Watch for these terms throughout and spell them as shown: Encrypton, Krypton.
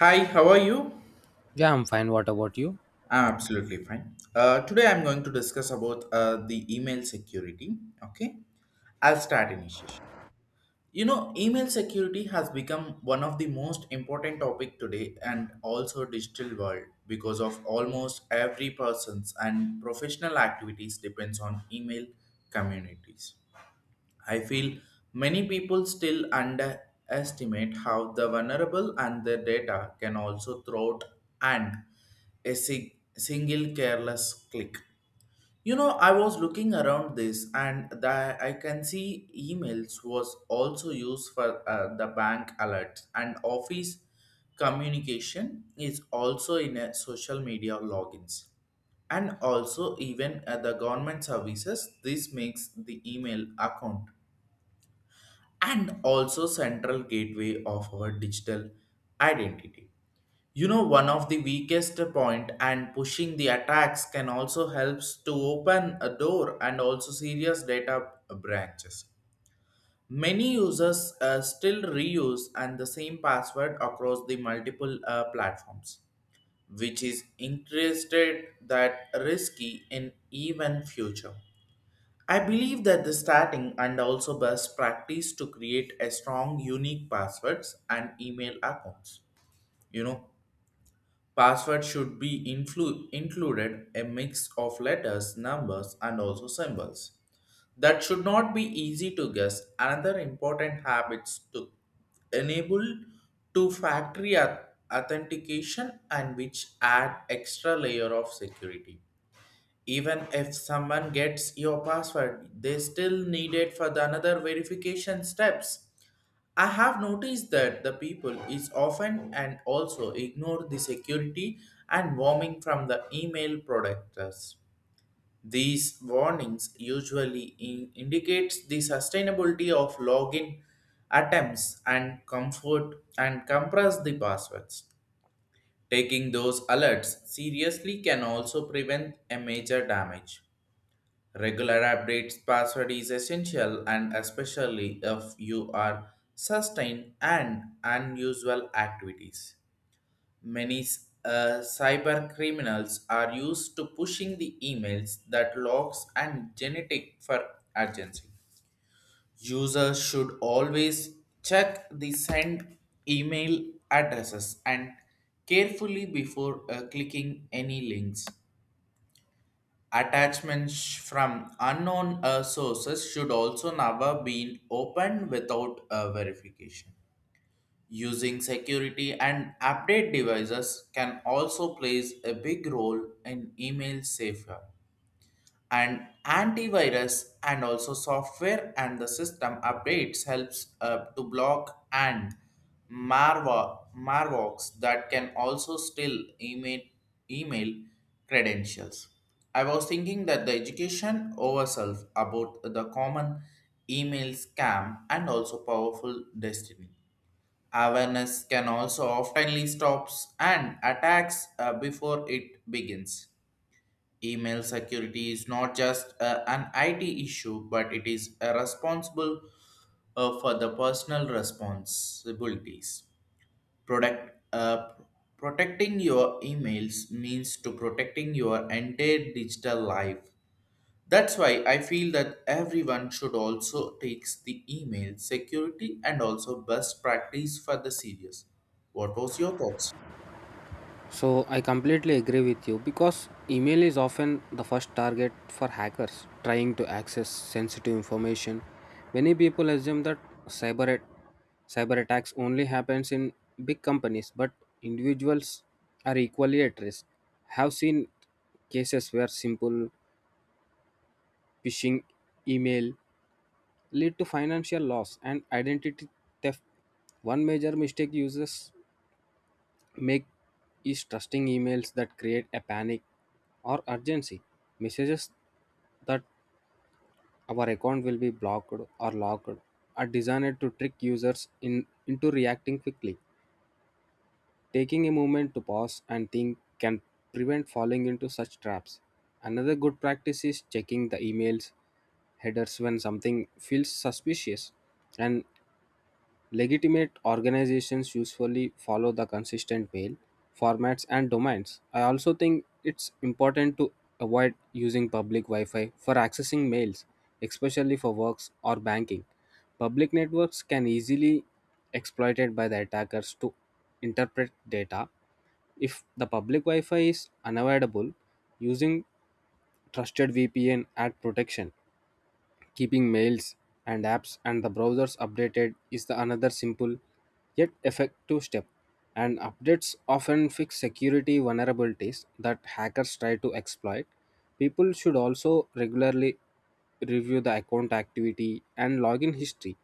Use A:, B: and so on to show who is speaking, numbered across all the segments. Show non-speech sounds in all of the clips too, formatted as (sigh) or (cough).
A: Hi, how are you?
B: Yeah, I'm fine. What about you?
A: I'm absolutely fine. Today I'm going to discuss about the email security. Okay, I'll start initiation. You know, email security has become one of the most important topic today and also digital world because of almost every person's and professional activities depends on email communities. I feel many people still underestimate how the vulnerable and their data can also throat and a single careless click. You know, I was looking around this and the, I can see emails was also used for the bank alerts and office communication is also in a social media logins and also even at the government services this makes the email account and also central gateway of our digital identity. You know, one of the weakest point and pushing the attacks can also helps to open a door and also serious data branches. Many users still reuse and the same password across the multiple platforms, which is interested that risky in even future. I believe that the starting and also best practice to create a strong unique passwords and email accounts. You know, password should be included a mix of letters, numbers and also symbols. That should not be easy to guess. Another important habits to enable to factory authentication and which add extra layer of security even if someone gets your password, they still need it for the another verification steps. I have noticed that the people is often and also ignore the security and warming from the email productors. These warnings usually indicates the sustainability of login attempts and comfort and compress the passwords. Taking those alerts seriously can also prevent a major damage. Regular updates password is essential and especially if you are sustained and unusual activities. Many cyber criminals are used to pushing the emails that locks and genetic for urgency. Users should always check the send email addresses and carefully before clicking any links. Attachments from unknown sources should also never be opened without verification. Using security and update devices can also plays a big role in email safeguard and antivirus and also software and the system updates helps to block and malwares that can also steal email credentials. I was thinking that the education ourselves about the common email scam and also powerful destiny awareness can also oftenly stops and attacks before it begins. Email security is not just an IT issue, but it is responsible for the personal responsibilities. Product, uh, Protecting your emails means to protecting your entire digital life. That's why I feel that everyone should also takes the email security and also best practice for the serious. What was your thoughts?
B: So, I completely agree with you because email is often the first target for hackers trying to access sensitive information. Many people assume that cyber at- cyber attacks only happens in big companies, but individuals are equally at risk. Have seen cases where simple phishing email lead to financial loss and identity theft. One major mistake users make is trusting emails that create a panic or urgency messages that our account will be blocked or locked are designed to trick users in, into reacting quickly. Taking a moment to pause and think can prevent falling into such traps. Another good practice is checking the emails headers when something feels suspicious. And legitimate organizations usually follow the consistent mail, formats, and domains. I also think it's important to avoid using public Wi Fi for accessing mails, especially for works or banking. Public networks can easily exploited by the attackers to interpret data. If the public Wi Fi is unavoidable, using trusted VPN add protection. Keeping mails and apps and the browsers updated is the another simple yet effective step. And updates often fix security vulnerabilities that hackers try to exploit. People should also regularly review the account activity and login history.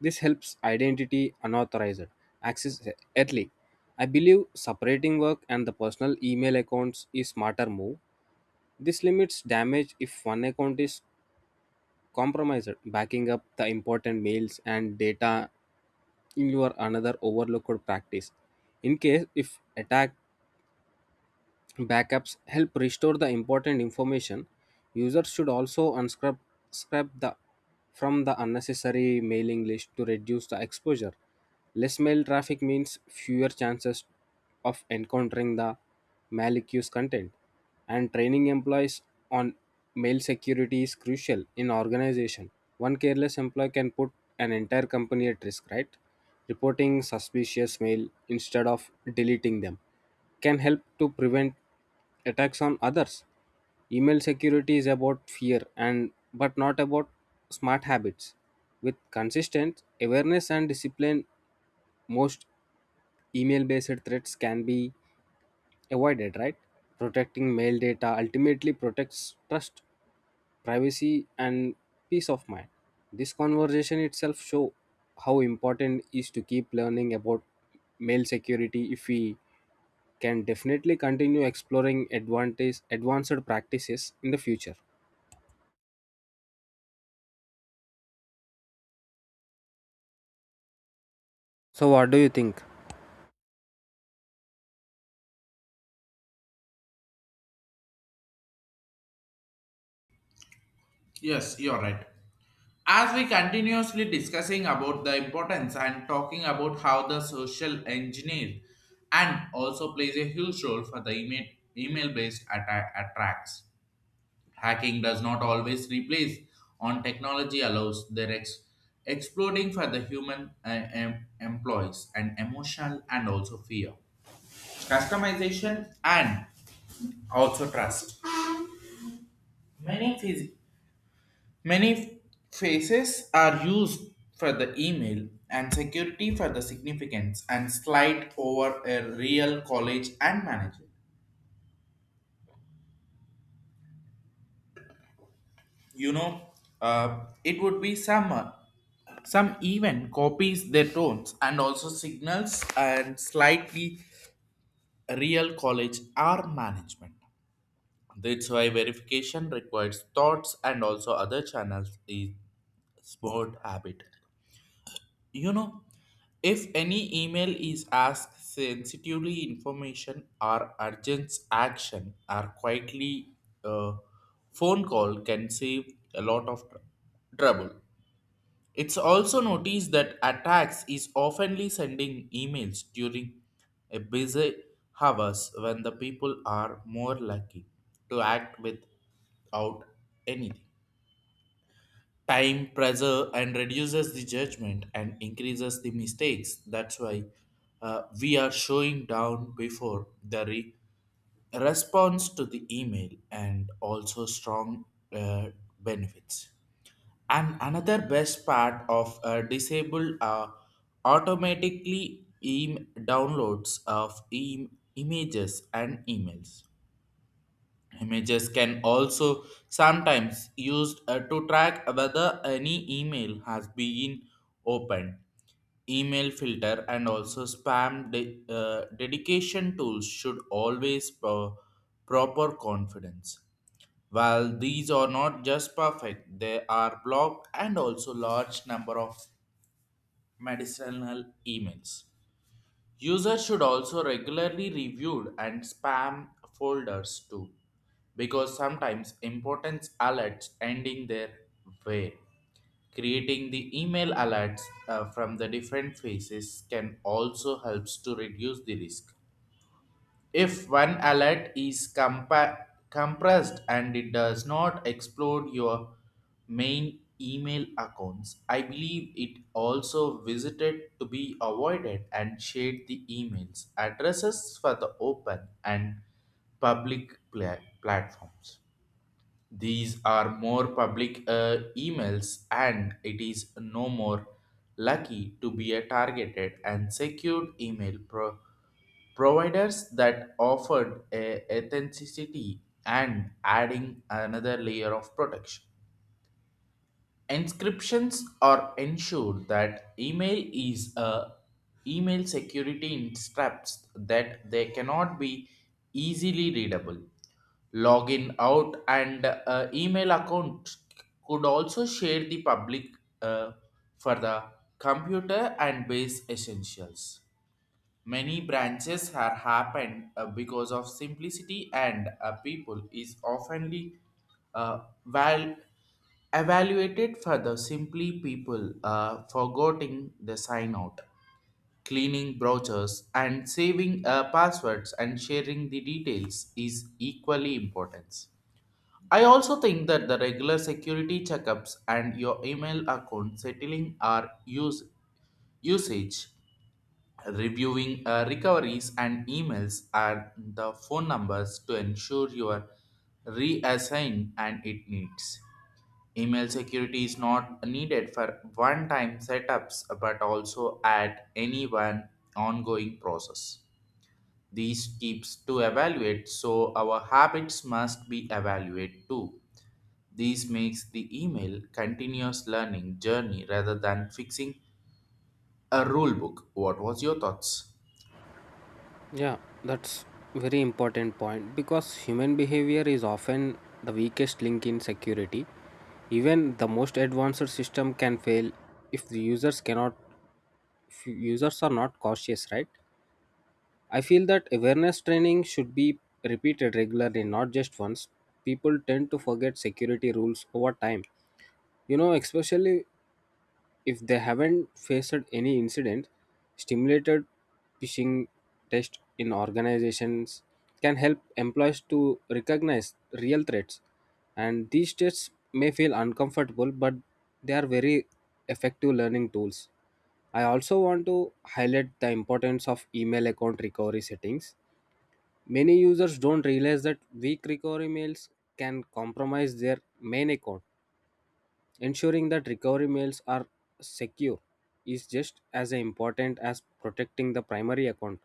B: This helps identity unauthorized access early. I believe separating work and the personal email accounts is smarter move. This limits damage if one account is compromised. Backing up the important mails and data in your another overlooked practice in case if attack. Backups help restore the important information. Users should also unscrub scrub the from the unnecessary mailing list to reduce the exposure. Less mail traffic means fewer chances of encountering the malicious content. And training employees on mail security is crucial in organization. One careless employee can put an entire company at risk, right? Reporting suspicious mail instead of deleting them can help to prevent attacks on others. Email security is about fear and but not about smart habits. With consistent awareness and discipline, most email based threats can be avoided, right? Protecting mail data ultimately protects trust privacy and peace of mind. This conversation itself show how important is to keep learning about mail security if we can definitely continue exploring advantage advanced practices in the future. So, what do you think?
A: Yes, you're right. As we continuously discussing about the importance and talking about how the social engineer and also plays a huge role for the email based attacks. Hacking does not always replace on technology allows their exploding for the human employees and emotional and also fear customization and also trust. Many phys- Many faces are used for the email and security for the significance and slide over a real college and manager. You know, it would be some even copies their tones and also signals and slightly real college or management. That's why verification requires thoughts and also other channels is smart habit. You know, if any email is asked sensitively information or urgent action or quietly, uh, phone call can save a lot of trouble. It's also noticed that attacks is oftenly sending emails during a busy hours when the people are more lucky to act without anything. Time pressure and reduces the judgment and increases the mistakes. That's why we are showing down before the response to the email and also strong uh, benefits. And another best part of disabled automatically downloads of images and emails. Images can also sometimes used to track whether any email has been opened. Email filter and also dedication tools should always proper confidence. While these are not just perfect, they are blocked and also large number of medicinal emails. Users should also regularly review and spam folders too, because sometimes important alerts ending their way. Creating the email alerts from the different phases can also helps to reduce the risk. If one alert is compressed and it does not explode your main email accounts, I believe it also visited to be avoided and shared the emails addresses for the open and platforms. These are more public emails, and it is no more lucky to be a targeted and secured providers that offered a authenticity and adding another layer of protection. Inscriptions are ensured that email is a email security instructs that they cannot be easily readable. Login out and email account could also share the public uh, for the computer and base essentials. Many branches have happened because of simplicity and people is oftenly uh, val- evaluated for the simply people forgetting the sign out, cleaning brochures and saving passwords and sharing the details is equally important. I also think that the regular security checkups and your email account settling are usage reviewing recoveries and emails are the phone numbers to ensure you are reassigned and it needs. Email security is not needed for one time setups but also at any one ongoing process. These keeps to evaluate so our habits must be evaluated too. This makes the email continuous learning journey rather than fixing a rule book. What was your thoughts?
B: Yeah, that's very important point because human behavior is often the weakest link in security. Even the most advanced system can fail if the users cannot if users are not cautious, right? I feel that awareness training should be repeated regularly, not just once. People tend to forget security rules over time. You know, especially if they haven't faced any incident, stimulated phishing test in organizations can help employees to recognize real threats. And these tests may feel uncomfortable, but they are very effective learning tools. I also want to highlight the importance of email account recovery settings. Many users don't realize that weak recovery mails can compromise their main account. Ensuring that recovery mails are secure is just as important as protecting the primary account,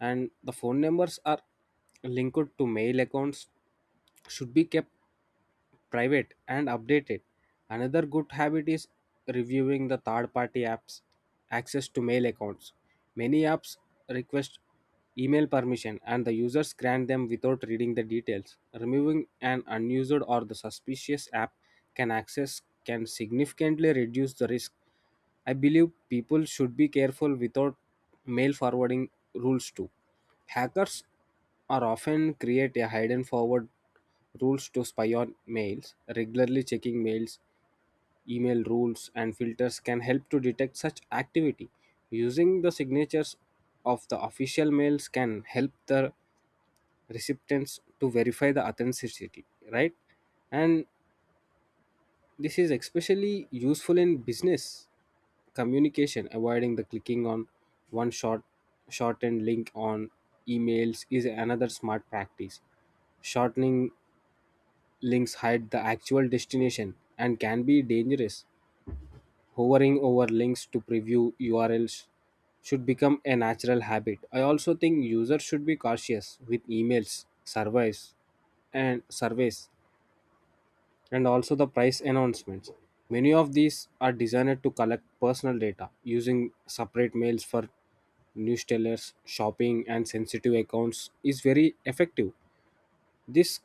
B: and the phone numbers are linked to mail accounts should be kept private and updated. Another good habit is reviewing the third party apps access to mail accounts. Many apps request email permission and the users grant them without reading the details. Removing an unused or the suspicious app can access can significantly reduce the risk. I believe people should be careful without mail forwarding rules too. Hackers are often create a hidden forward rules to spy on mails. Regularly checking mails, email rules and filters can help to detect such activity. Using the signatures of the official mails can help the recipients to verify the authenticity, right? And this is especially useful in business communication. Avoiding the clicking on one short shortened link on emails is another smart practice. Shortening links hide the actual destination and can be dangerous. Hovering over links to preview urls should become a natural habit. I also think users should be cautious with emails surveys and surveys and also the price announcements. Many of these are designed to collect personal data. Using separate mails for newsletters, shopping, and sensitive accounts is very effective. This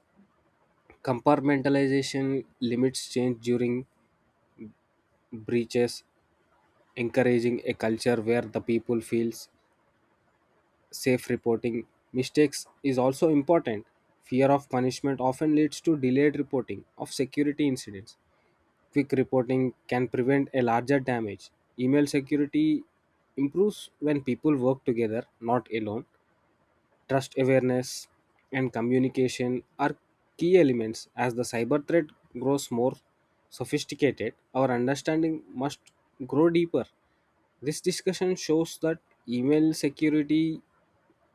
B: compartmentalization limits change during breaches. Encouraging a culture where the people feels safe reporting mistakes is also important. Fear of punishment often leads to delayed reporting of security incidents. Quick reporting can prevent a larger damage. Email security improves when people work together, not alone. Trust awareness and communication are key elements. As the cyber threat grows more sophisticated, our understanding must grow deeper. This discussion shows that email security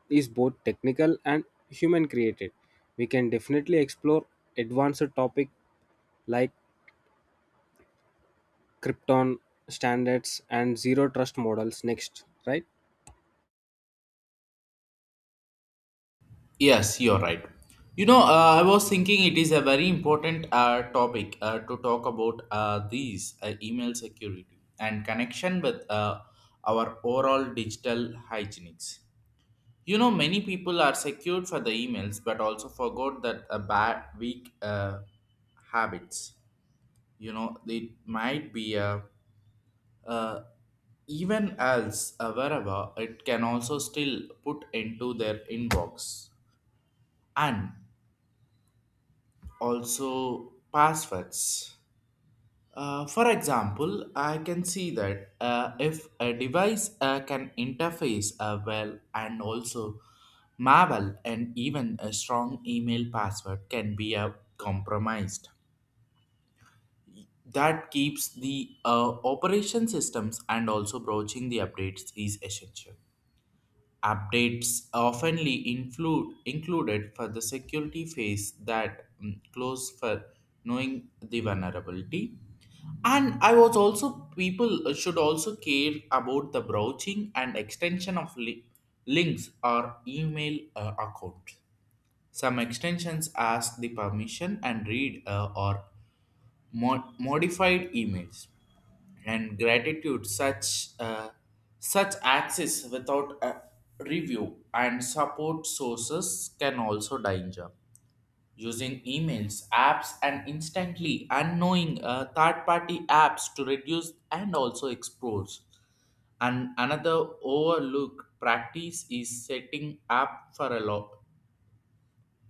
B: is both technical and human created. We can definitely explore advanced topics like Krypton standards and zero trust models next, right?
A: Yes, you're right. You know, I was thinking it is a very important topic to talk about these email security and connection with our overall digital hygienics. You know, many people are secured for the emails, but also forgot that a bad, weak habits. You know, it might be a uh, even else wherever it can also still put into their inbox and also passwords. For example, I can see that if a device can interface well and also malware and even a strong email password can be compromised. That keeps the operation systems and also broaching the updates is essential. Updates oftenly included for the security phase that close for knowing the vulnerability. And I was also people should also care about the browsing and extension of links or email account. Some extensions ask the permission and read or modified emails and gratitude such such access without a review and support sources can also danger using emails apps and instantly unknowing third party apps to reduce and also expose. And another overlooked practice is setting up for a law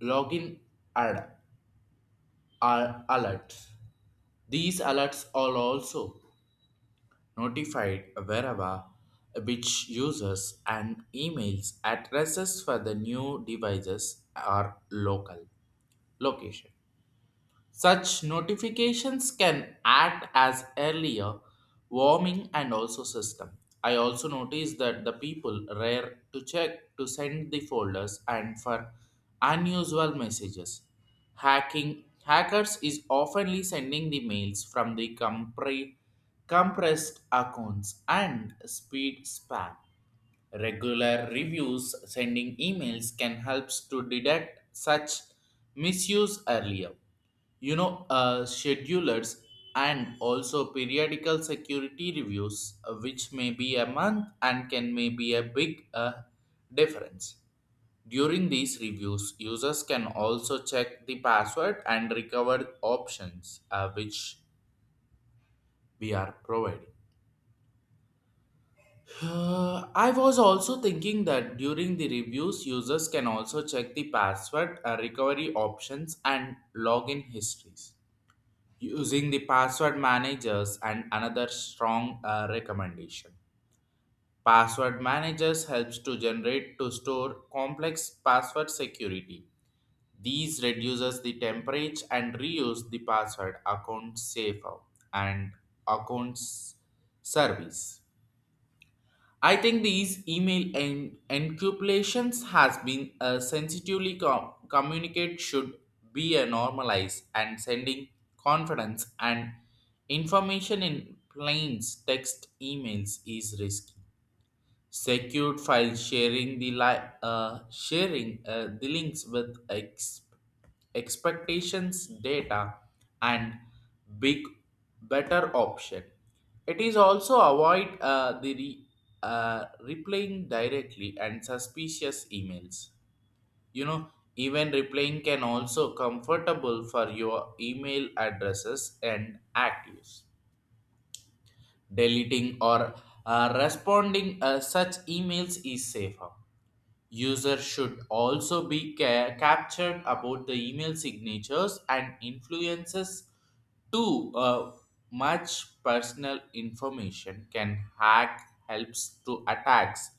A: login ad are alerts. These alerts are also notified wherever which users and emails addresses for the new devices are local location. Such notifications can act as earlier warming and also system. I also noticed that the people rare to check to send the folders and for unusual messages. Hacking Hackers is oftenly sending the mails from the compressed accounts and speed spam. Regular reviews sending emails can help to detect such misuse earlier. You know, schedulers and also periodical security reviews, which may be a month and can may be a big difference. During these reviews, users can also check the password and recover options which we are providing. I was also thinking that during the reviews, users can also check the password recovery options and login histories using the password managers and another strong recommendation. Password managers helps to generate to store complex password security. These reduces the temperature and reuse the password account safer and accounts service. I think these email encapsulations has been sensitively communicate should be a normalized and sending confidence and information in plain text emails is risky. Secure file sharing the sharing the links with expectations data and big better option. It is also avoid replying directly and suspicious emails. You know, even replying can also comfortable for your email addresses and actives. Deleting or responding such emails is safer. Users should also be captured about the email signatures and influences too. Much personal information can hack helps to attacks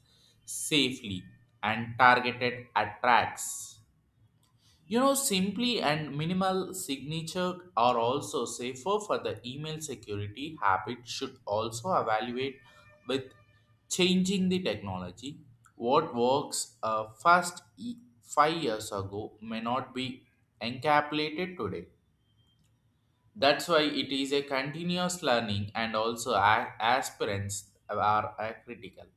A: safely and targeted attacks. You know, simply and minimal signature are also safer for the email security habit should also evaluate with changing the technology. What works 5 years ago may not be encapsulated today. That's why it is a continuous learning and also aspirants are critical.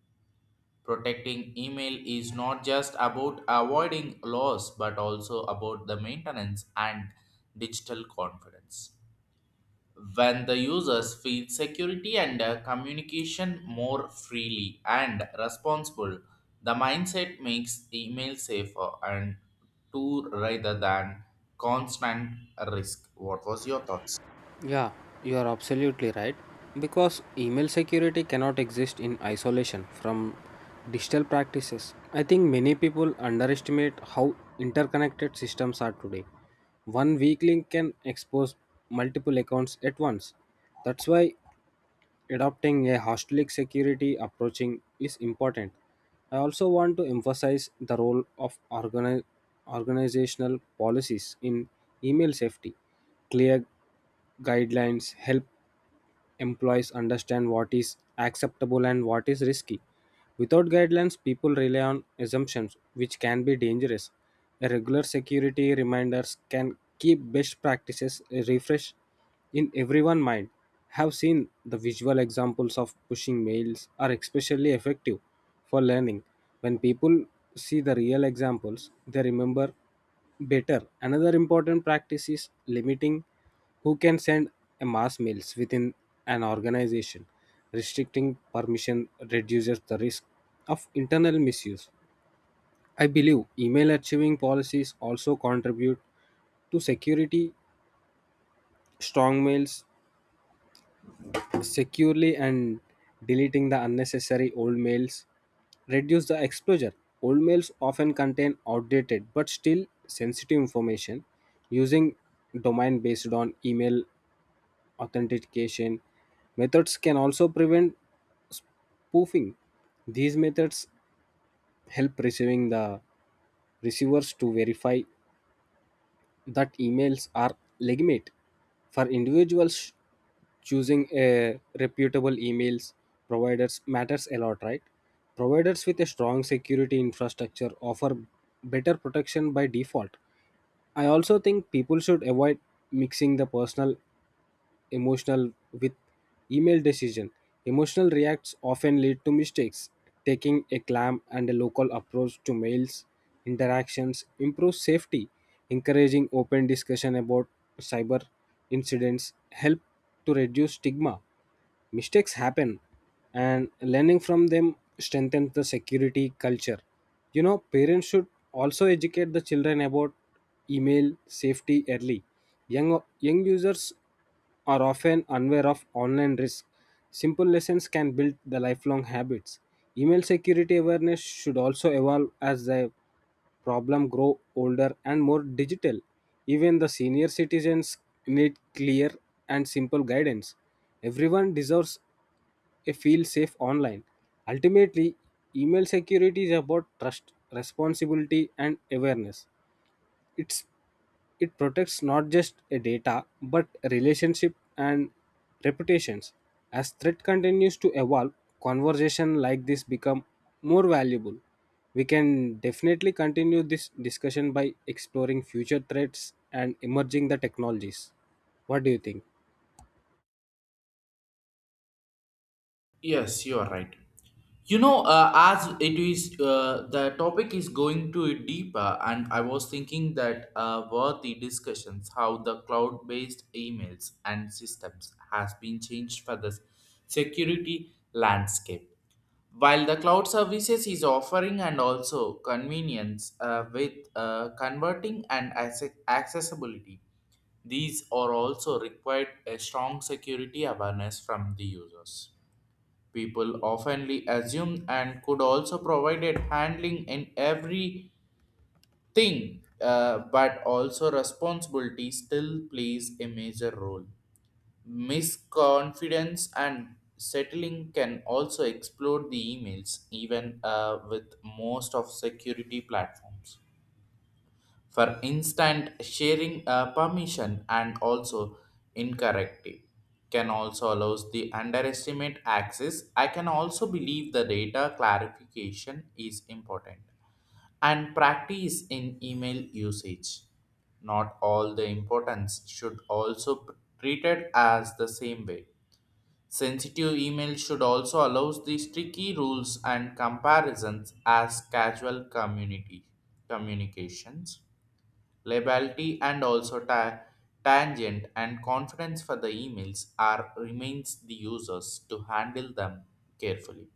A: Protecting email is not just about avoiding loss but also about the maintenance and digital confidence. When the users feel security and communication more freely and responsible, the mindset makes email safer and to rather than constant risk. What was your thoughts?
B: Yeah, you are absolutely right. Because email security cannot exist in isolation from digital practices. I think many people underestimate how interconnected systems are today. One weak link can expose multiple accounts at once. That's why adopting a holistic security approaching is important. I also want to emphasize the role of organizational policies in email safety. Clear guidelines help employees understand what is acceptable and what is risky. Without guidelines, people rely on assumptions, which can be dangerous. A regular security reminders can keep best practices refreshed in everyone's mind. Have seen the visual examples of pushing mails are especially effective for learning. When people see the real examples they remember better. Another important practice is limiting who can send a mass mails within an organization. Restricting permission reduces the risk of internal misuse. I believe email archiving policies also contribute to security. Strong mails securely and deleting the unnecessary old mails. Reduce the exposure. Old mails often contain outdated but still sensitive information. Using domain based on email authentication methods can also prevent spoofing. These methods help receiving the receivers to verify that emails are legitimate. For individuals choosing a reputable emails providers matters a lot, right? Providers with a strong security infrastructure offer better protection by default. I also think people should avoid mixing the personal emotional with email decision. Emotional reacts often lead to mistakes. Taking a calm and a local approach to mails interactions improves safety. Encouraging open discussion about cyber incidents help to reduce stigma. Mistakes happen and learning from them strengthens the security culture. You know, parents should also educate the children about email safety early. Young users are often unaware of online risk. Simple lessons can build the lifelong habits. Email security awareness should also evolve as the problems grow older and more digital. Even the senior citizens need clear and simple guidance. Everyone deserves a feel safe online. Ultimately, email security is about trust, responsibility, and awareness. It's it protects not just a data, but relationship and reputations. As threat continues to evolve, conversation like this become more valuable. We can definitely continue this discussion by exploring future threats and emerging the technologies. What do you think?
A: Yes, you are right. As it is the topic is going to deeper, and I was thinking that worthy discussions how the cloud based emails and systems has been changed for the security landscape. While the cloud services is offering and also convenience with converting and accessibility, these are also required a strong security awareness from the users. People oftenly assume and could also provided handling in everything, but also responsibility still plays a major role. Misconfidence and settling can also explode the emails, even with most of security platforms for instant sharing permission and also incorrective can also allows the underestimate access. I can also believe the data clarification is important and practice in email usage. Not all the importance should also treated as the same way. Sensitive email should also allows the tricky rules and comparisons as casual community communications. Liability and also tangent and confidence for the emails are remains the users to handle them carefully.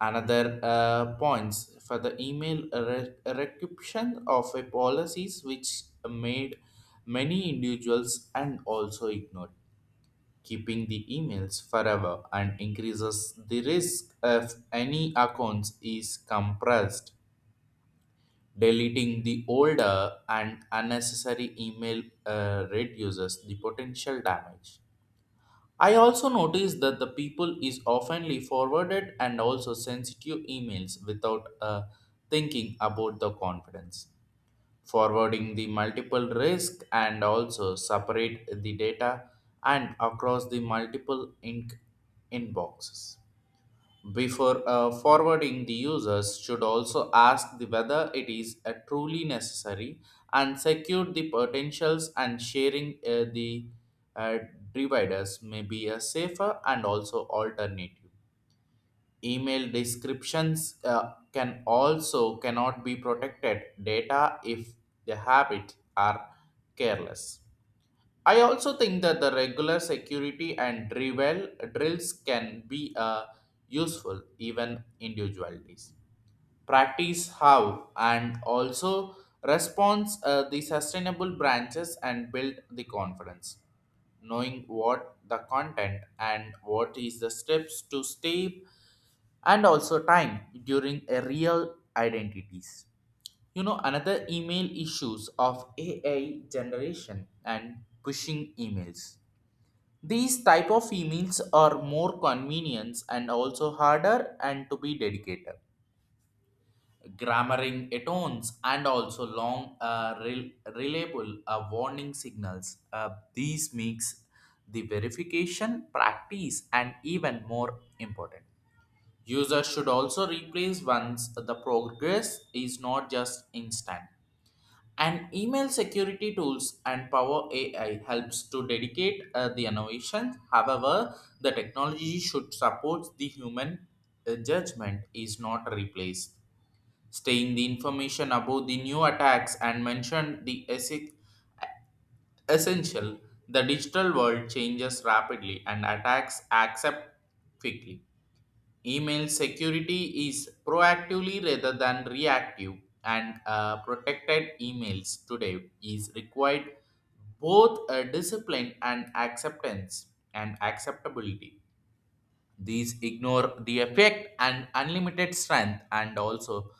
A: Another points for the email recognition of a policies which made many individuals and also ignored. Keeping the emails forever and increases the risk of any accounts is compressed. Deleting the older and unnecessary email reduces the potential damage. I also noticed that the people is oftenly forwarded and also sensitive emails without thinking about the confidence. Forwarding the multiple risk and also separate the data and across the multiple ink inboxes. Before forwarding, the users should also ask the whether it is truly necessary and secure the potentials and sharing the uh, dividers may be a safer and also alternative. Email descriptions can also cannot be protected data if the habits are careless. I also think that the regular security and drills can be useful even individualities. Practice how and also response the sustainable branches and build the confidence. Knowing what the content and what is the steps to step and also time during a real identities. You know another email issues of AI generation and pushing emails, these type of emails are more convenience and also harder and to be dedicated. Grammaring atones and also long reliable warning signals. These makes the verification practice and even more important. Users should also replace once the progress is not just instant. And email security tools and Power AI helps to dedicate the innovation. However, the technology should support the human judgment is not replaced. Staying the information about the new attacks and mentioned the essential, the digital world changes rapidly and attacks accept quickly. Email security is proactively rather than reactive, and protected emails today is required both discipline and acceptance and acceptability. These ignore the effect and unlimited strength, and also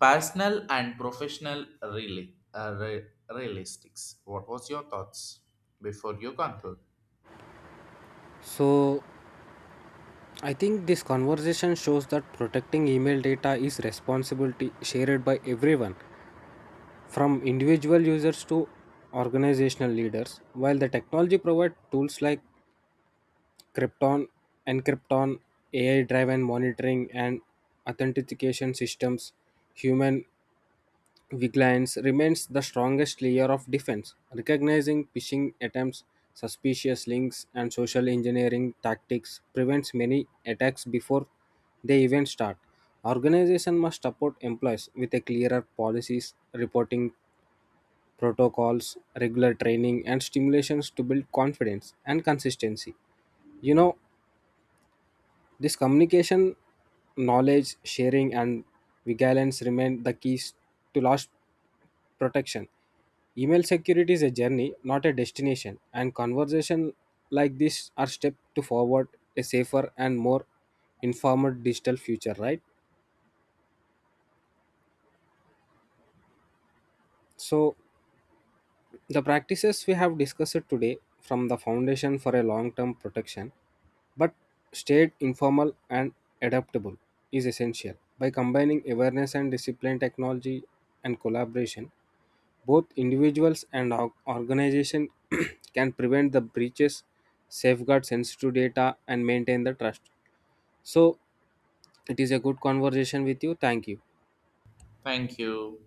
A: personal and professional really, realistics. What was your thoughts before you conclude?
B: So, I think this conversation shows that protecting email data is responsibility shared by everyone from individual users to organizational leaders. While the technology provides tools like Krypton, Encrypton, AI driven monitoring, and authentication systems, human vigilance remains the strongest layer of defense, recognizing phishing attempts. Suspicious links and social engineering tactics prevents many attacks before they even start. Organizations must support employees with a clearer policies, reporting protocols, regular training, and stimulations to build confidence and consistency. You know, this communication, knowledge sharing, and vigilance remain the keys to loss protection. Email security is a journey, not a destination, and conversation like this are step to forward a safer and more informed digital future, right? So the practices we have discussed today from the foundation for a long-term protection but stayed informal and adaptable is essential. By combining awareness and discipline, technology and collaboration, both individuals and organizations (clears throat) can prevent the breaches, safeguard sensitive data, and maintain the trust. So, it is a good conversation with you. Thank you.
A: Thank you.